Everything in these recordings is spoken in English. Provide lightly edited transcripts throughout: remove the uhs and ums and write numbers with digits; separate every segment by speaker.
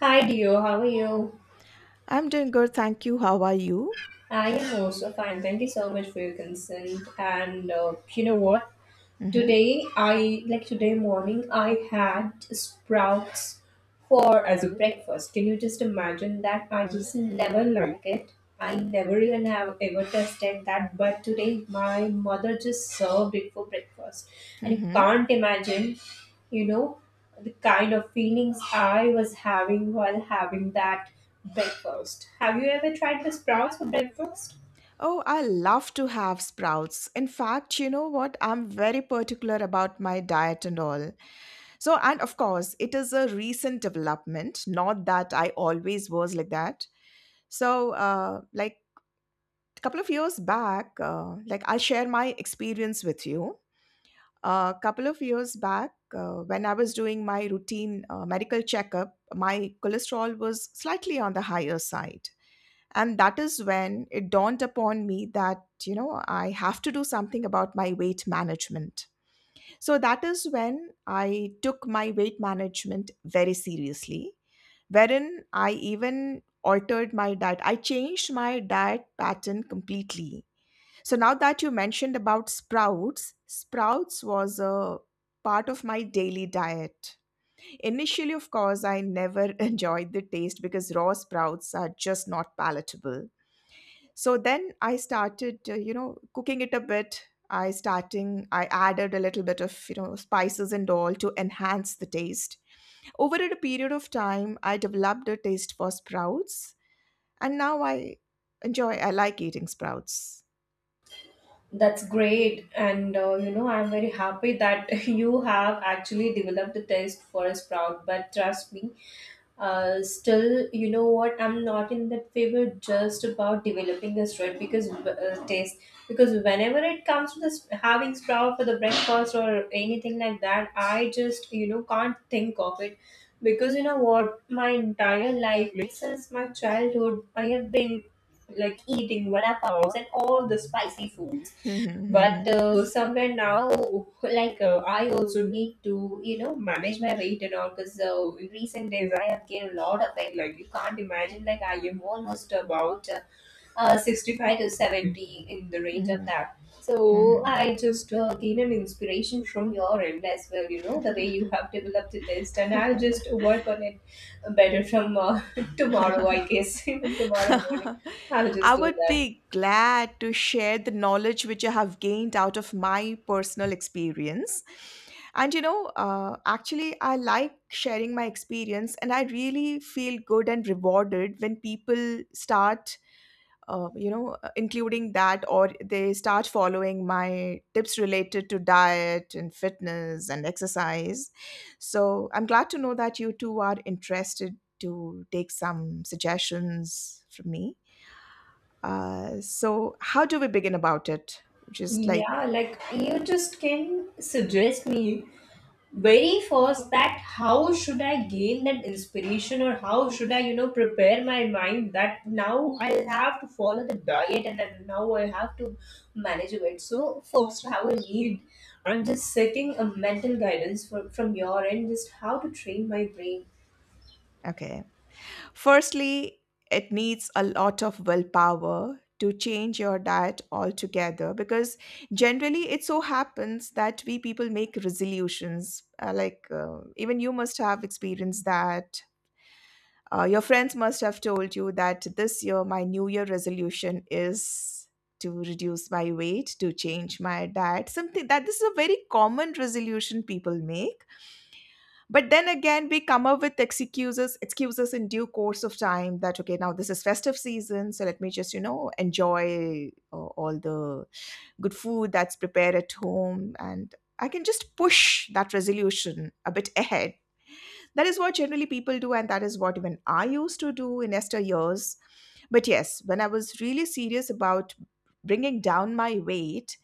Speaker 1: Hi, Dio. How are you?
Speaker 2: I'm doing good, thank you. How are you?
Speaker 1: I am also fine. Thank you so much for your consent. And you know what?
Speaker 2: Mm-hmm.
Speaker 1: Today I like today morning I had sprouts for as a breakfast. Can you just imagine that? I just never like it. I never even have ever tested that, but today my mother just served it for breakfast. And you
Speaker 2: Mm-hmm.
Speaker 1: can't imagine, you know, the kind of feelings I was having while having that breakfast. Have you ever tried the sprouts for breakfast?
Speaker 2: Oh, I love to have sprouts. In fact, you know what? I'm very particular about my diet and all. So, and of course, it is a recent development, not that I always was like that. So, like a couple of years back, like I'll share my experience with you. A couple of years back, when I was doing my routine medical checkup, my cholesterol was slightly on the higher side. And that is when it dawned upon me that, you know, I have to do something about my weight management. So that is when I took my weight management very seriously, wherein I even altered my diet. I changed my diet pattern completely. So now that you mentioned about sprouts, sprouts was a part of my daily diet. Initially, of course, I never enjoyed the taste because raw sprouts are just not palatable. So then I started, you know, cooking it a bit. I added a little bit of, you know, spices and all to enhance the taste. Over a period of time, I developed a taste for sprouts, and now I enjoy I like eating sprouts.
Speaker 1: That's great. And I'm very happy that you have actually developed a taste for a sprout. But trust me, still, you know what? I'm not in that favor just about developing a sprout because taste. Because whenever it comes to this having sprout for the breakfast or anything like that, I just can't think of it. Because you know what? My entire life like, since my childhood, I have been like eating vada paos and all the spicy foods, but
Speaker 2: Mhm,
Speaker 1: somewhere now, like I also need to manage my weight and all, because in recent days I have gained a lot of weight, like you can't imagine. Like, I am almost about 65 to 70, in the range of
Speaker 2: mhm,
Speaker 1: that. So
Speaker 2: mhm,
Speaker 1: I just gain an inspiration from your end as well, you know, the way you have developed the test, and I'll
Speaker 2: mhm.
Speaker 1: just work on it better from tomorrow, I guess. Even tomorrow morning I'll
Speaker 2: I
Speaker 1: just do
Speaker 2: would
Speaker 1: that.
Speaker 2: be glad to share the knowledge which I have gained out of my personal experience. And you know, actually, I like sharing my experience, and I really feel good and rewarded when people start, including that, or they start following my tips related to diet and fitness and exercise. So I'm glad to know that you two are interested to take some suggestions from me. So, how do we begin about it? Just like,
Speaker 1: Yeah, like, you just can suggest me very first that how should I gain that inspiration, or how should I, prepare my mind that now I'll have to follow the diet and then now I have to manage it. So first how I need, I'm just seeking a mental guidance for, from your end, just how to train my brain.
Speaker 2: okay. Firstly, it needs a lot of willpower to change your diet altogether because generally it so happens that we people make resolutions. Even you must have experienced that. Your friends must have told you that this year my New Year resolution is to reduce my weight, to change my diet, something that this is a very common resolution people make. But then again we come up with excuses, excuses in due course of time, that okay, now this is festive season, so let me just, you know, enjoy all the good food that's prepared at home, and I can just push that resolution a bit ahead. That is what generally people do, and that is what even I used to do in esther years. But yes, when I was really serious about bringing down my weight,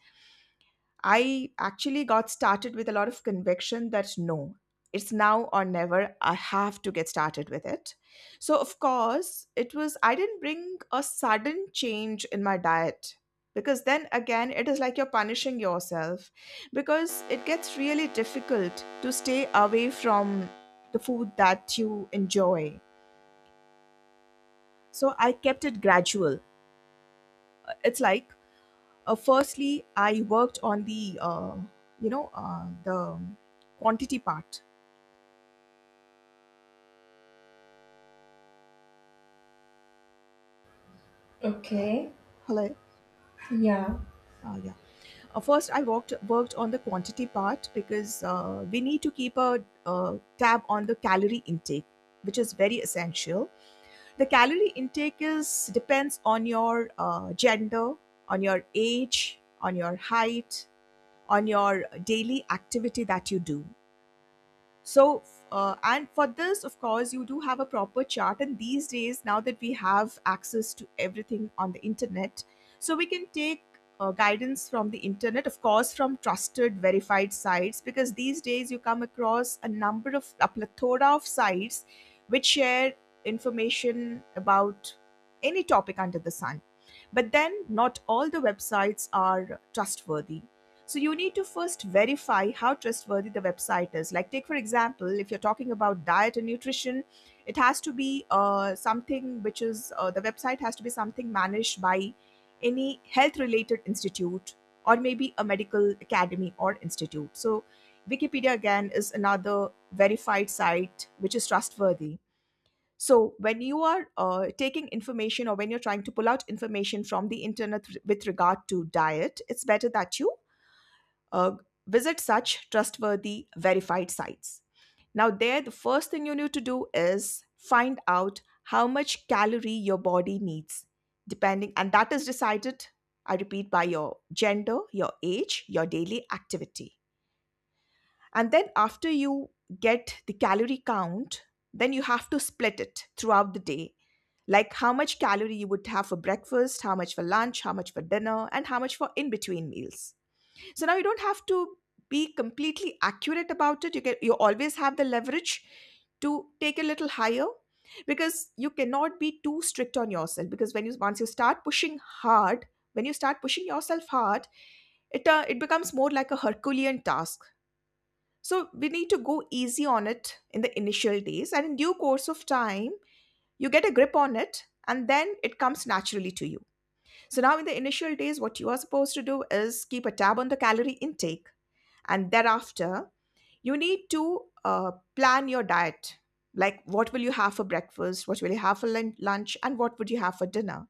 Speaker 2: I actually got started with a lot of conviction that no, it's now or never. I have to get started with it. So, of course, it was, I didn't bring a sudden change in my diet, because then again, it is like you're punishing yourself, because it gets really difficult to stay away from the food that you enjoy. So, I kept it gradual. It's like, firstly, I worked on the the quantity part.
Speaker 1: Okay.
Speaker 2: Hello.
Speaker 1: Yeah.
Speaker 2: Yeah. First, I worked on the quantity part, because we need to keep a tab on the calorie intake, which is very essential. The calorie intake is depends on your gender, on your age, on your height, on your daily activity that you do. So, and for this, of course, you do have a proper chart, and these days, now that we have access to everything on the internet, so we can take guidance from the internet, of course from trusted verified sites, because these days you come across a number of, a plethora of sites which share information about any topic under the sun. But then not all the websites are trustworthy, so you need to first verify how trustworthy the website is. Like, take for example, if you're talking about diet and nutrition, it has to be something which is, the website has to be something managed by any health related institute or maybe a medical academy or institute. So Wikipedia again is another verified site which is trustworthy. So when you are, taking information, or when you're trying to pull out information from the internet with regard to diet, it's better that you uh, visit such trustworthy verified sites. Now, there, the first thing you need to do is find out how much calorie your body needs, depending, and that is decided, I repeat, by your gender, your age, your daily activity. And then, after you get the calorie count, then you have to split it throughout the day. Like, how much calorie you would have for breakfast, how much for lunch, how much for dinner, and how much for in between meals. So now you don't have to be completely accurate about it. You always have the leverage to take a little higher, because you cannot be too strict on yourself, because when you, once you start pushing hard, when you start pushing yourself hard, it becomes more like a herculean task. So we need to go easy on it in the initial days, and in due course of time you get a grip on it, and then it comes naturally to you. So now in the initial days, what you are supposed to do is keep a tab on the calorie intake, and thereafter you need to plan your diet, like what will you have for breakfast, what will you have for lunch, and what would you have for dinner.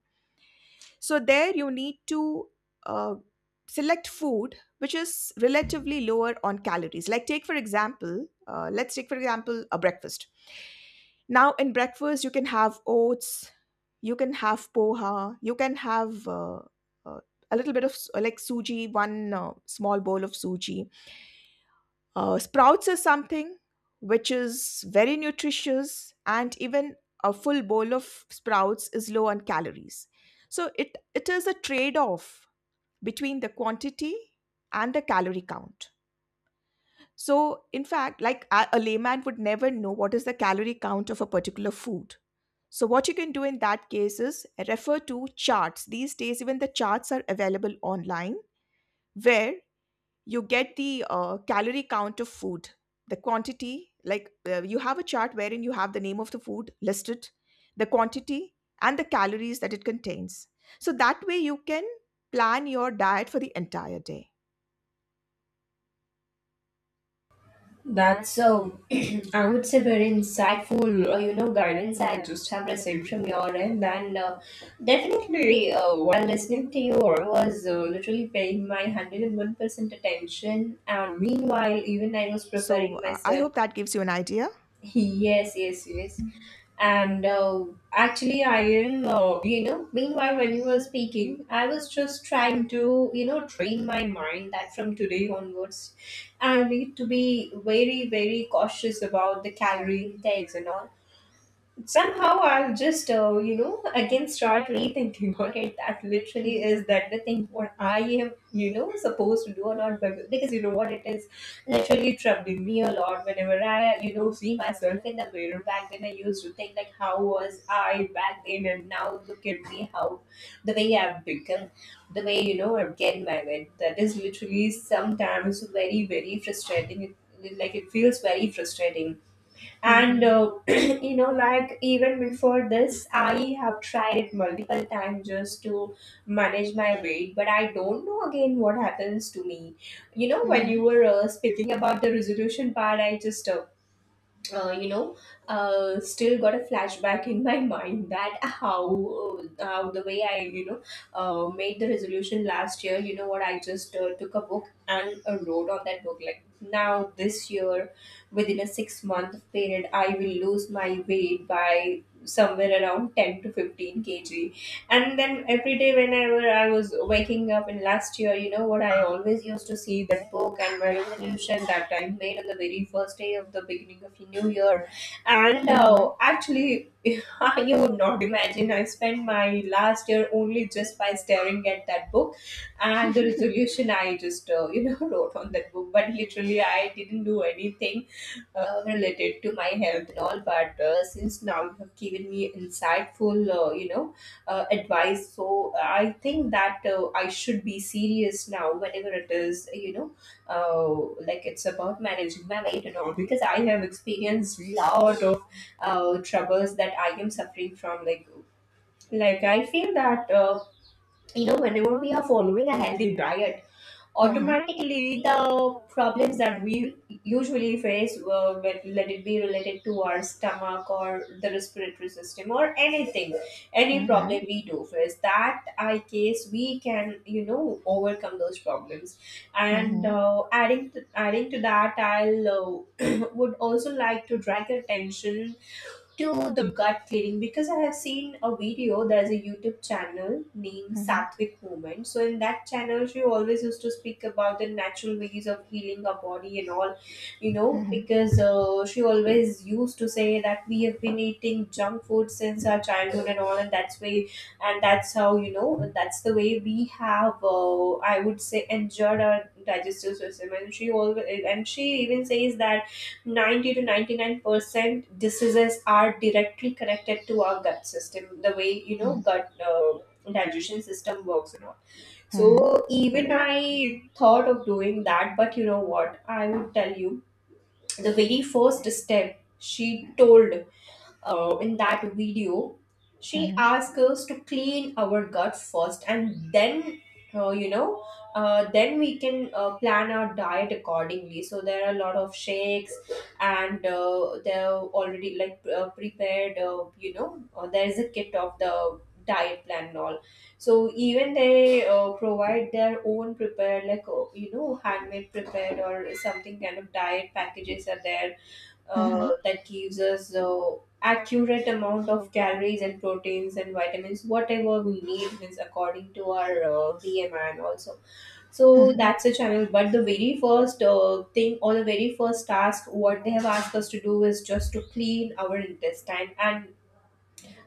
Speaker 2: So there you need to uh, select food which is relatively lower on calories. Like, take for example, let's take for example a breakfast. Now in breakfast you can have oats, you can have poha, you can have uh, a little bit of like suji, one small bowl of suji. Sprouts is something which is very nutritious, and even a full bowl of sprouts is low on calories. So it is a trade off between the quantity and the calorie count. So, in fact, like a layman would never know what is the calorie count of a particular food. So, what you can do in that case is refer to charts. These days, even the charts are available online, where you get the calorie count of food, the quantity. Like, you have a chart wherein you have the name of the food listed, the quantity, and the calories that it contains. So that way you can plan your diet for the entire day.
Speaker 1: That's I would say very insightful, guidance I just have received from your end, and definitely, while listening to you, I was literally paying my 101% attention, and meanwhile, even I was
Speaker 2: So,
Speaker 1: preparing
Speaker 2: I
Speaker 1: myself.
Speaker 2: hope that gives you an idea.
Speaker 1: Yes, yes, yes. And actually, I am, meanwhile, when you were speaking, I was just trying to, train my mind that from today onwards, I need to be very, very cautious about the calorie intakes and all. Somehow I'll just, again start rethinking on it. That literally is that the thing what I am, supposed to do or not. Because you know what, it is literally troubling me a lot whenever I, see myself in the mirror. Back then, I used to think, like, how was I back then? And now look at me, how the way I've become, the way, I'm getting married. That is literally sometimes very, very frustrating. It, like, it feels very frustrating, and
Speaker 2: Mhm.
Speaker 1: you know, like, even before this I have tried it multiple times just to manage my weight, but I don't know again what happens to me. You know, when you
Speaker 2: Mhm.
Speaker 1: were speaking about the resolution part, I just uh, you know, still got a flashback in my mind that how the way I made the resolution last year. You know what? I just took a book and wrote on that book. Like, now this year, within a 6-month period, I will lose my weight by somewhere around 10 to 15 kg. And then every day whenever I was waking up in last year, you know what, I always used to see that book and my resolution that I made on the very first day of the beginning of the new year. And
Speaker 2: Mhm. Mhm.
Speaker 1: actually, you would not imagine, I spent my last year only just by staring at that book and the resolution I just wrote on that book, but literally I didn't do anything related to my health and all. But since now you have given me insightful advice, so I think that I should be serious now, whenever it is, uh, like, it's about managing my weight and all, because I have experienced lot of troubles that I am suffering from, like I feel that whenever we are following a healthy diet,
Speaker 2: Mhm.
Speaker 1: automatically the problems that we usually face, let it be related to our stomach or the respiratory system or anything, any problem we do face, that I case we can overcome those problems. And
Speaker 2: Mhm.
Speaker 1: adding to that, I'll would also like to drag attention to the gut feeling, because I have seen a video. There's a YouTube channel named
Speaker 2: Mhm.
Speaker 1: Sattvic Movement. So in that channel, she always used to speak about the natural ways of healing our body and all,
Speaker 2: Mhm.
Speaker 1: because she always used to say that we have been eating junk food since our childhood and all, and that's way, and that's how you know, that's the way we have. I would say, injured our digestive system, and she always, and she even says that 90 to 99% diseases are directly connected to our gut system, the way
Speaker 2: Mhm.
Speaker 1: gut digestion system works and all. So
Speaker 2: Mhm.
Speaker 1: even I thought of doing that, but you know what I would tell you, the very first step she told in that video, she asked us to clean our gut first, and then, uh, you know, then we can plan our diet accordingly. So there are a lot of shakes, and they're already, like, prepared, there is a kit of the diet plan and all. So even they provide their own prepared, like, you know, handmade prepared or something kind of diet packages are there, that gives us the accurate amount of calories and proteins and vitamins, whatever we need, means according to our BMI and also.
Speaker 2: Mhm. Mhm.
Speaker 1: So
Speaker 2: Mhm.
Speaker 1: that's a channel, but the very first thing or the very first task what they have asked us to do is just to clean our intestine. And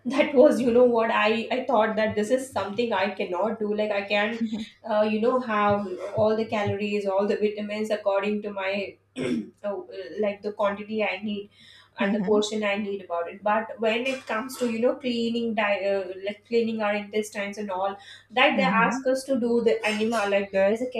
Speaker 1: that was, you know what, I thought that this is something I cannot do. Like, I can
Speaker 2: Mhm.
Speaker 1: have all the calories, all the vitamins according to my oh, like the quantity I need and the
Speaker 2: Mhm.
Speaker 1: portion I need about it. But when it comes to cleaning like, cleaning our intestines and all, that they ask
Speaker 2: Mhm.
Speaker 1: us to do the enema, like there is a,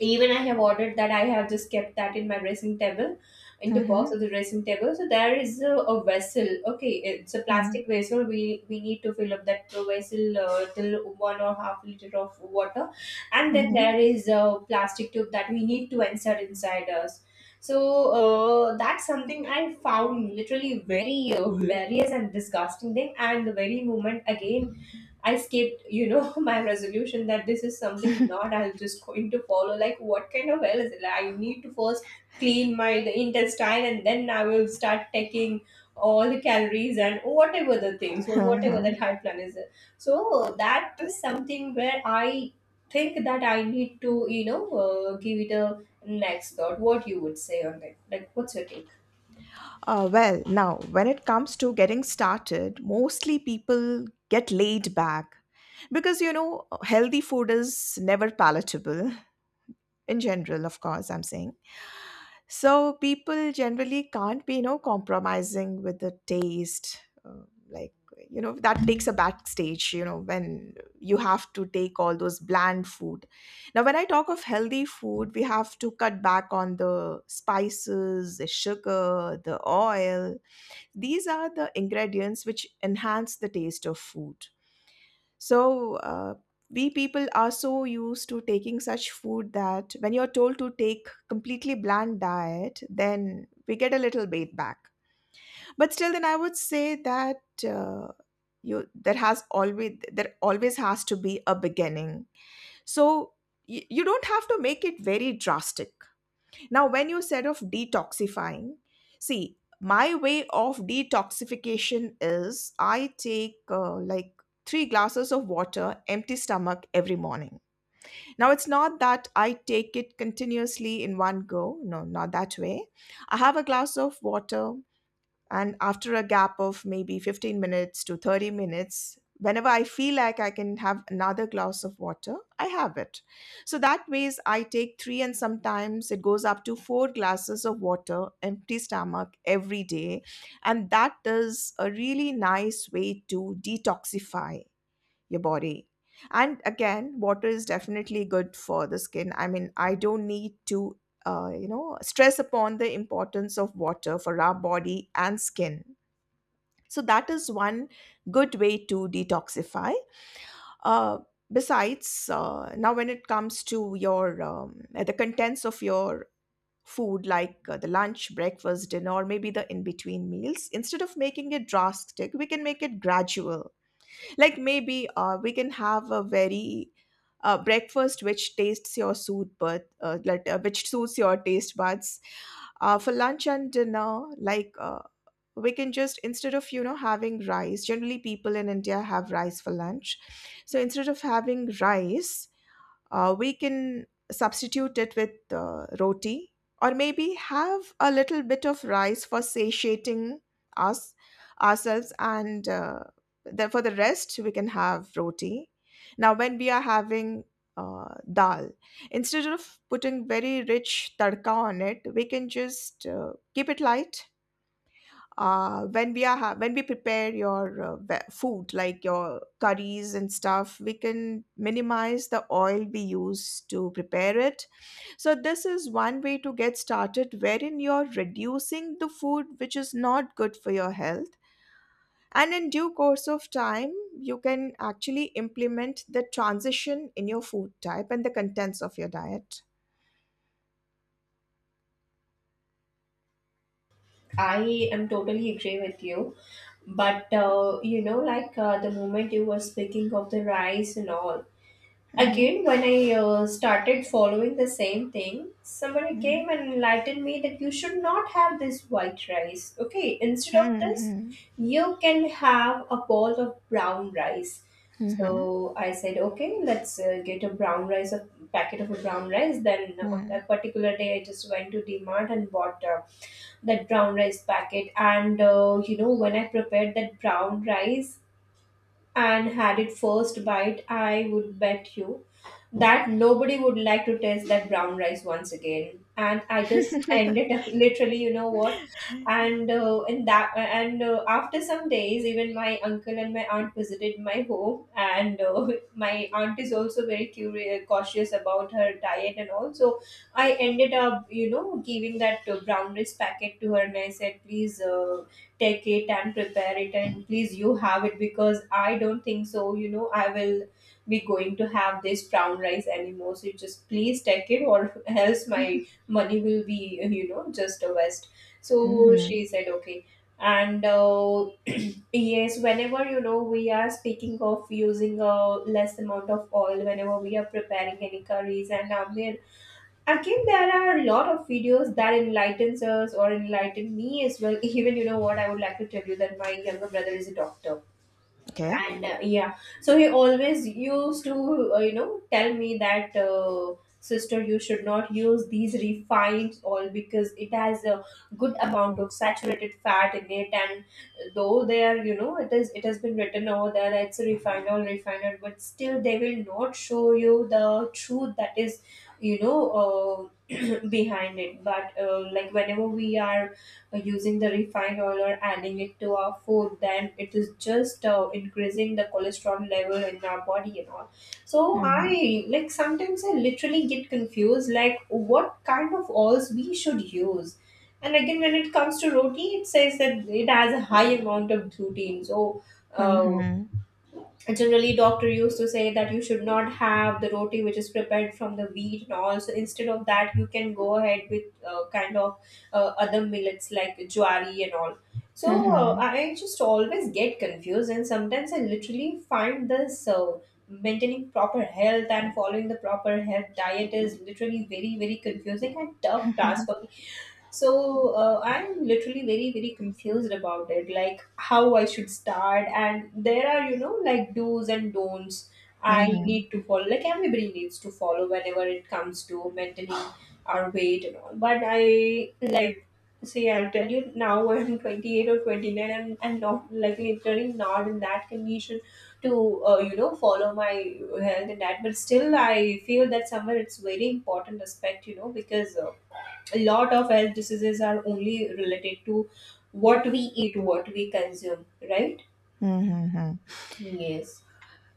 Speaker 1: even I have ordered that, I have just kept that in my dressing table, in the box
Speaker 2: Mhm.
Speaker 1: of the dressing table. So there is a vessel, okay, it's a
Speaker 2: Mhm.
Speaker 1: plastic vessel, we need to fill up that vessel till one or half liter of water. And then
Speaker 2: Mhm.
Speaker 1: there is a plastic tube that we need to insert inside us. So that's something I found literally very hilarious and disgusting thing, and the very moment, again, I skipped, my resolution that this is something not I'm just going to follow. Like, what kind of hell is it? Like, I need to first clean my the intestine, and then I will start taking all the calories and whatever the things or whatever the
Speaker 2: Uh-huh.
Speaker 1: diet plan is. So that is something where I think that I need to, give it a next thought. What you would say on that? Like, what's your take?
Speaker 2: Well, now, when it comes to getting started, mostly people get laid back because, you know, healthy food is never palatable. In general, of course, I'm saying. So people generally can't be, you know, compromising with the taste. Like, you know, that takes a backstage, you know, when you have to take all those bland food. Now when I talk of healthy food, we have to cut back on the spices, the sugar, the oil. These are the ingredients which enhance the taste of food. So, we people are so used to taking such food that when you're told to take completely bland diet, then we get a little bait back. But still, then I would say that, uh, you, there always has to be a beginning. So you don't have to make it very drastic. Now, when you said of detoxifying, see, my way of detoxification is I take, like, 3 glasses of water, empty stomach every morning. Now, it's not that I take it continuously in one go. No, not that way. I have a glass of water, and after a gap of maybe 15 minutes to 30 minutes, whenever I feel like I can have another glass of water, I have it. So that ways I take three, and sometimes it goes up to 4 glasses of water, empty stomach every day. And that is a really nice way to detoxify your body. And again, water is definitely good for the skin. I mean, I don't need to, you know, stress upon the importance of water for our body and skin. So that is one good way to detoxify. Uh, Besides, now when it comes to your the contents of your food, like the lunch, breakfast, dinner, or maybe the in between meals, instead of making it drastic, we can make it gradual. Like maybe we can have a very breakfast which tastes your suit, but like, which suits your taste buds for lunch and dinner. Like we can just, instead of having rice, generally people in India have rice for lunch. So instead of having rice, we can substitute it with roti, or maybe have a little bit of rice for satiating us ourselves, and then for the rest we can have roti. Now when we are having dal, instead of putting very rich tadka on it, we can just keep it light. When we are when we prepare your food, like your curries and stuff, we can minimize the oil we use to prepare it. So this is one way to get started, wherein you're reducing the food which is not good for your health, and in due course of time you can actually implement the transition in your food type and the contents of your diet.
Speaker 1: I am totally agree with you. But like, the moment you were speaking of the rice and all,
Speaker 2: 嗯哼，
Speaker 1: again, when I started following the same thing, somebody
Speaker 2: 嗯
Speaker 1: came
Speaker 2: 哼，
Speaker 1: and enlightened me that you should not have this white rice. Okay, instead of
Speaker 2: 嗯
Speaker 1: this,
Speaker 2: 哼，
Speaker 1: you can have a bowl of brown rice.
Speaker 2: 嗯哼，
Speaker 1: So I said, okay, let's get a brown rice, a packet of a brown rice. Then
Speaker 2: 嗯
Speaker 1: on
Speaker 2: 哼，嗯，
Speaker 1: that particular day, I just went to Mart and bought. That brown rice packet, and when I prepared that brown rice and had it first bite, I would bet you that nobody would like to taste that brown rice once again. And I
Speaker 2: 哈
Speaker 1: just
Speaker 2: 哈哈哈，
Speaker 1: ended up literally, you know
Speaker 2: 嗯
Speaker 1: what?
Speaker 2: 哼，
Speaker 1: And in that, and after some days, even my uncle and my aunt visited my home, and my aunt is also very curious, cautious about her diet and all. So I ended up, giving that brown rice packet to her, and I said, please. Take it and prepare it and please you have it because I don't think so, you know, I will be going to have this brown rice anymore, so you just please take it or else my money will be, you know, just a waste.
Speaker 2: 嗯
Speaker 1: So
Speaker 2: 哼，
Speaker 1: she said okay. and yes, whenever we are speaking of using a less amount of oil whenever we are preparing any curries and now we're. Again, there are a lot of videos that enlightens us or enlighten me as well. Even you know what, I would like to tell you that my younger brother is a doctor, and yeah, so he always used to you know tell me that sister, you should not use these refined oil because it has a good amount of saturated fat in it, and though they are you know it has been written over there that it's a refined oil, but still they will not show you the truth that is you know uh, behind it, but like whenever we are using the refined oil or adding it to our food, then it is just increasing the cholesterol level in our body and all. So
Speaker 2: 嗯哼，
Speaker 1: I sometimes I literally get confused, like what kind of oils we should use. And again, when it comes to roti, it says that it has a high amount of gluten. so
Speaker 2: 嗯
Speaker 1: uh,
Speaker 2: 哼，
Speaker 1: generally doctor used to say that you should not have the roti which is prepared from the wheat and all, so instead of that you can go ahead with kind of other millets like jwari and all. so
Speaker 2: 嗯
Speaker 1: uh,
Speaker 2: 哼，
Speaker 1: I just always get confused, and sometimes I literally find this maintaining proper health and following the proper health diet is literally very, very confusing and tough task for me. So I'm literally very, very confused about it, like how I should start. And there are, you know, like do's and don'ts I
Speaker 2: 嗯
Speaker 1: need
Speaker 2: 哼，
Speaker 1: to follow, like everybody needs to follow whenever it comes to maintaining our weight and all. But I, like, see, I'll tell you now I'm 28 or 29, and I'm, not, like, literally not in that condition to you know follow my health and that, but still I feel that somewhere it's very important aspect, you know, because a lot of health diseases are only related to what we eat, what we consume, right?
Speaker 2: 嗯哼，嗯。
Speaker 1: Yes.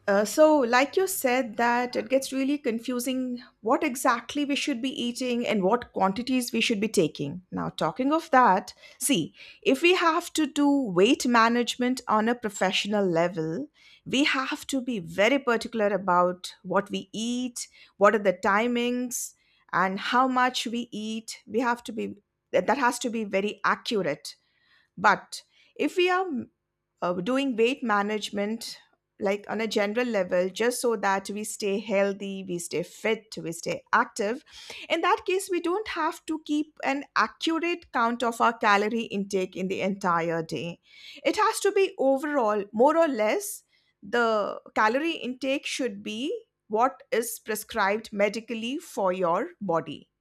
Speaker 2: So, like you said, that it gets really confusing what exactly we should be eating and what quantities we should be taking. Now, talking of that, see, if we have to do weight management on a professional level, we have to be very particular about what we eat, what are the timings, and how much we eat. We have to be, that has to be very accurate. But if we are doing weight management like on a general level, just so that we stay healthy, we stay fit, we stay active, in that case we don't have to keep an accurate count of our calorie intake in the entire day. It has to be overall more or less, the calorie intake should be what is prescribed medically for your body.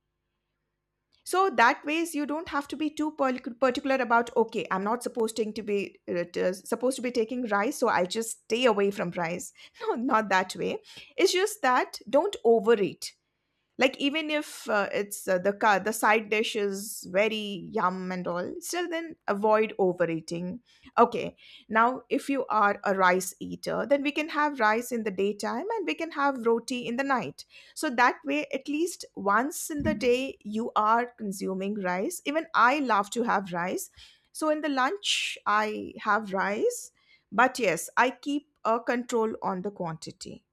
Speaker 2: So that ways you don't have to be too particular about, okay, I'm not supposed to be supposed to be taking rice, so I just stay away from rice. No, not that way. It's just that don't overeat. Like even if it's the the side dish is very yum and all, still then avoid overeating. Okay. Now if you are a rice eater, then we can have rice in the daytime and we can have roti in the night. So that way at least once in the day you are consuming rice. Even I love to have rice. So in the lunch I have rice, but yes, I keep a control on the quantity.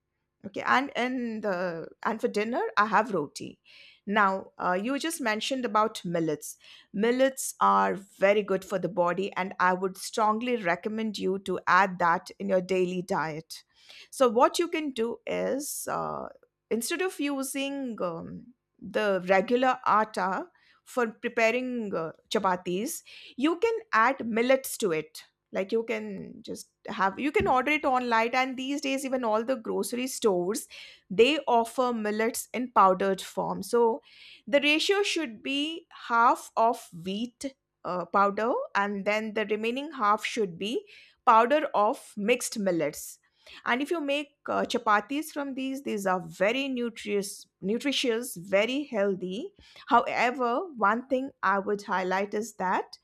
Speaker 2: Okay, and in the and for dinner I have roti. Now you just mentioned about millets. Millets are very good for the body, and I would strongly recommend you to add that in your daily diet. So what you can do is, instead of using the regular atta for preparing chapatis, you can add millets to it. Like you can just have, you can order it online, and these days even all the grocery stores, they offer millets in powdered form. So the ratio should be half of wheat powder, and then the remaining half should be powder of mixed millets. And if you make chapatis from these are very nutritious, very healthy. However, one thing I would highlight is that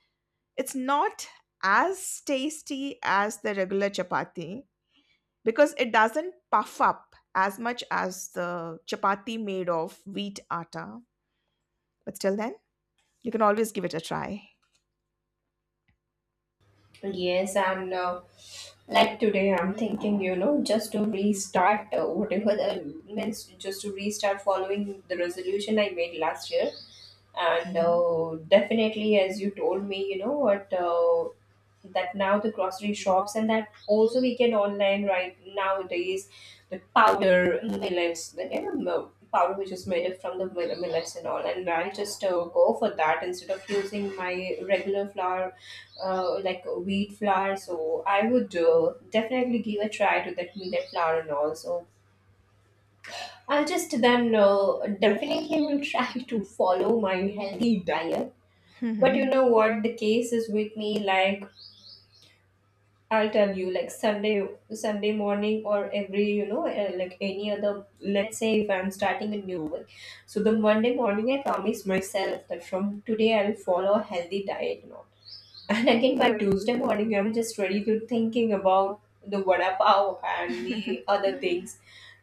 Speaker 2: it's not as tasty as the regular chapati, because it doesn't puff up as much as the chapati made of wheat atta. But still, then, you can always give it a try.
Speaker 1: Yes, and like today, I'm thinking, you know, just to restart whatever the means, just to restart following the resolution I made last year. And
Speaker 2: Mhm.
Speaker 1: definitely, as you told me, you know what, that now the grocery shops and that also we can online right nowadays, the powder millets, the you know, mil- powder which is made up from the mill- millets and all. And I'll just go for that instead of using my regular flour like wheat flour. So I would definitely give a try to that millet flour and also. I'll just then definitely will try to follow my healthy diet. But you
Speaker 2: Mhm.
Speaker 1: know what the case is with me, like I'll tell you like Sunday morning or every you know like any other, let's say if I'm starting a new work, so the Monday morning I promise myself that from today I'll follow a healthy diet now. And again by Tuesday morning, I'm just ready to thinking about the vada pav and the other
Speaker 2: Mhm.
Speaker 1: things.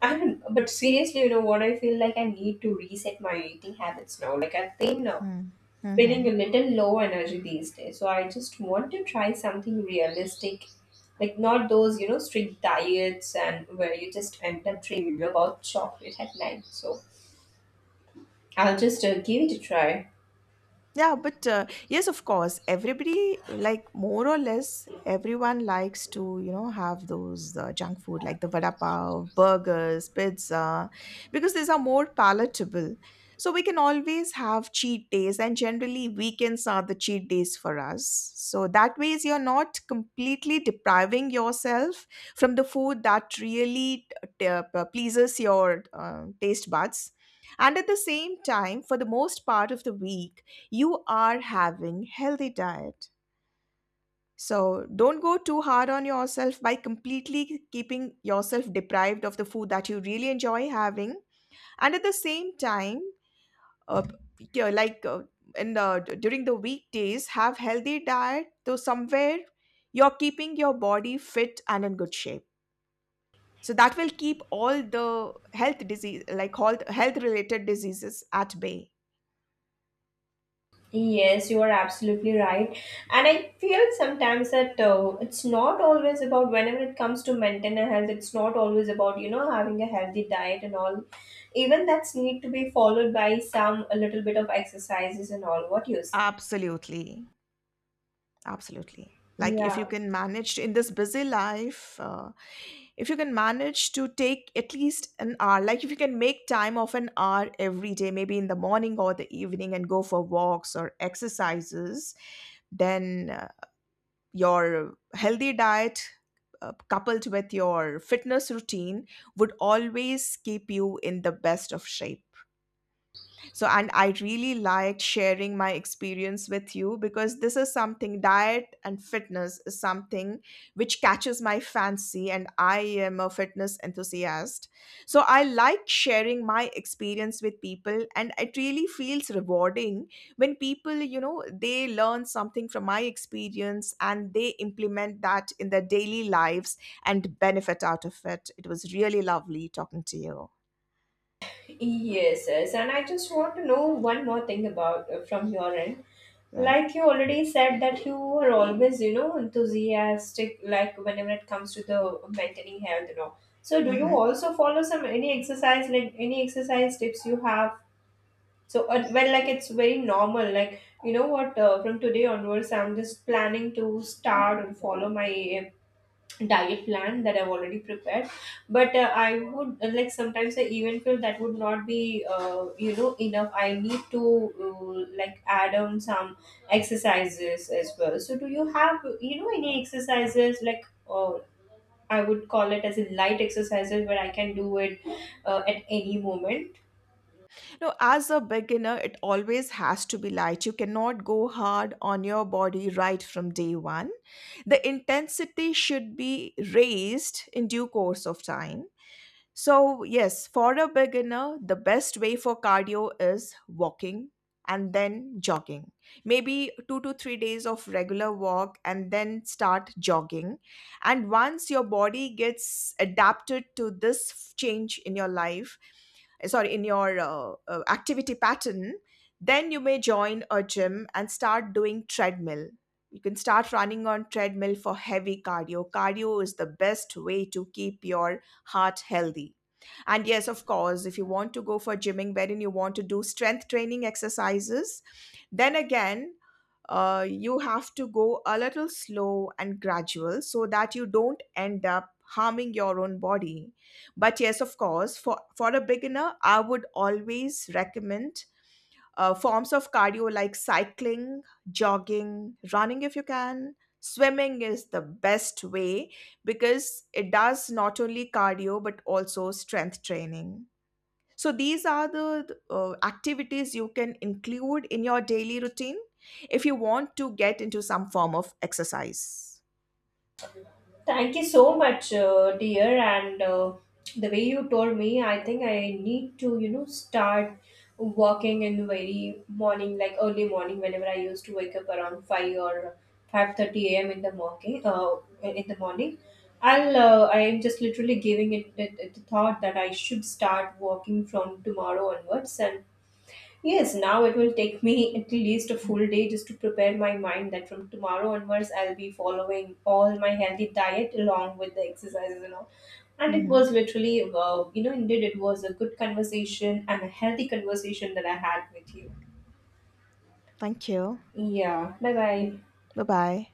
Speaker 1: And but seriously, you know what? I feel like I need to reset my eating habits now. Like I've been feeling a
Speaker 2: Mhm.
Speaker 1: little low energy these days, so I just want to try something realistic, like not those you know strict diets and where you just end up dreaming about chocolate at night. So I'll just give it a try.
Speaker 2: Yeah, but yes, of course, everybody, like more or less, everyone likes to, you know, have those junk food like the vada pav, burgers, pizza, because these are more palatable. So we can always have cheat days, and generally, weekends are the cheat days for us. So that ways, you're not completely depriving yourself from the food that really pleases your taste buds. And at the same time, for the most part of the week, you are having healthy diet. So don't go too hard on yourself by completely keeping yourself deprived of the food that you really enjoy having. And at the same time, uh, yeah, like in the during the weekdays have healthy diet, so somewhere you're keeping your body fit and in good shape. So that will keep all the health disease, like all the health related diseases at bay.
Speaker 1: Yes, you are absolutely right. And I feel sometimes that it's not always about whenever it comes to maintain a health, it's not always about, you know, having a healthy diet and all. Even that's need to be followed by some, a little bit of exercises and all. What you say?
Speaker 2: Absolutely. Absolutely. Like if
Speaker 1: Yeah.
Speaker 2: you can manage to, in this busy life, if you can manage to take at least an hour, like if you can make time of an hour every day, maybe in the morning or the evening, and go for walks or exercises, then your healthy diet coupled with your fitness routine would always keep you in the best of shape. So, and I really liked sharing my experience with you, because this is something, diet and fitness is something which catches my fancy, and I am a fitness enthusiast. So, I like sharing my experience with people, and it really feels rewarding when people, you know, they learn something from my experience and they implement that in their daily lives and benefit out of it. It was really lovely talking to you,
Speaker 1: Yes, yes. And I just want to know one more thing about from your end.
Speaker 2: right?
Speaker 1: Like you already said that you are always, you know, enthusiastic, like whenever it comes to the maintaining health and all. So do you
Speaker 2: Hmm.
Speaker 1: also follow some any exercise, like any exercise tips you have. So, well, like it's very normal. Like, you know what, from today onwards, I'm just planning to start and follow my diet plan that I've already prepared. But I would, like, sometimes I even feel that would not be, you know, enough. I need to, like, add on some exercises as well. So, do you have, you know, any exercises, like, I would call it as a light exercises where I can do it at any moment?
Speaker 2: No, as a beginner, it always has to be light. You cannot go hard on your body right from day one. The intensity should be raised in due course of time. So, yes, for a beginner, the best way for cardio is walking and then jogging. Maybe 2 to 3 days of regular walk and then start jogging. And once your body gets adapted to this change in your life, sorry, in your activity pattern, then you may join a gym and start doing treadmill. You can start running on treadmill for heavy cardio. Cardio is the best way to keep your heart healthy. And yes, of course, if you want to go for gymming wherein you want to do strength training exercises, then again, you have to go a little slow and gradual, so that you don't end up harming your own body. But yes, of course, for a beginner, I would always recommend forms of cardio like cycling, jogging, running if you can. Swimming is the best way because it does not only cardio but also strength training. So these are the activities you can include in your daily routine if you want to get into some form of exercise.
Speaker 1: Thank you so much, dear. And the way you told me, I think I need to, you know, start walking in the very morning, like early morning, whenever I used to wake up around 5 or 5:30 a.m. in the morning. In the morning, I am just literally giving it the thought that I should start walking from tomorrow onwards and. Yes, now it will take me at least a full day just to prepare my mind that from tomorrow onwards I'll be following all my healthy diet along with the exercises and all. And it was
Speaker 2: Mhm.
Speaker 1: literally, you know, indeed it was a good conversation and a healthy conversation that I had with you.
Speaker 2: Thank you.
Speaker 1: Yeah, bye bye.
Speaker 2: Bye bye.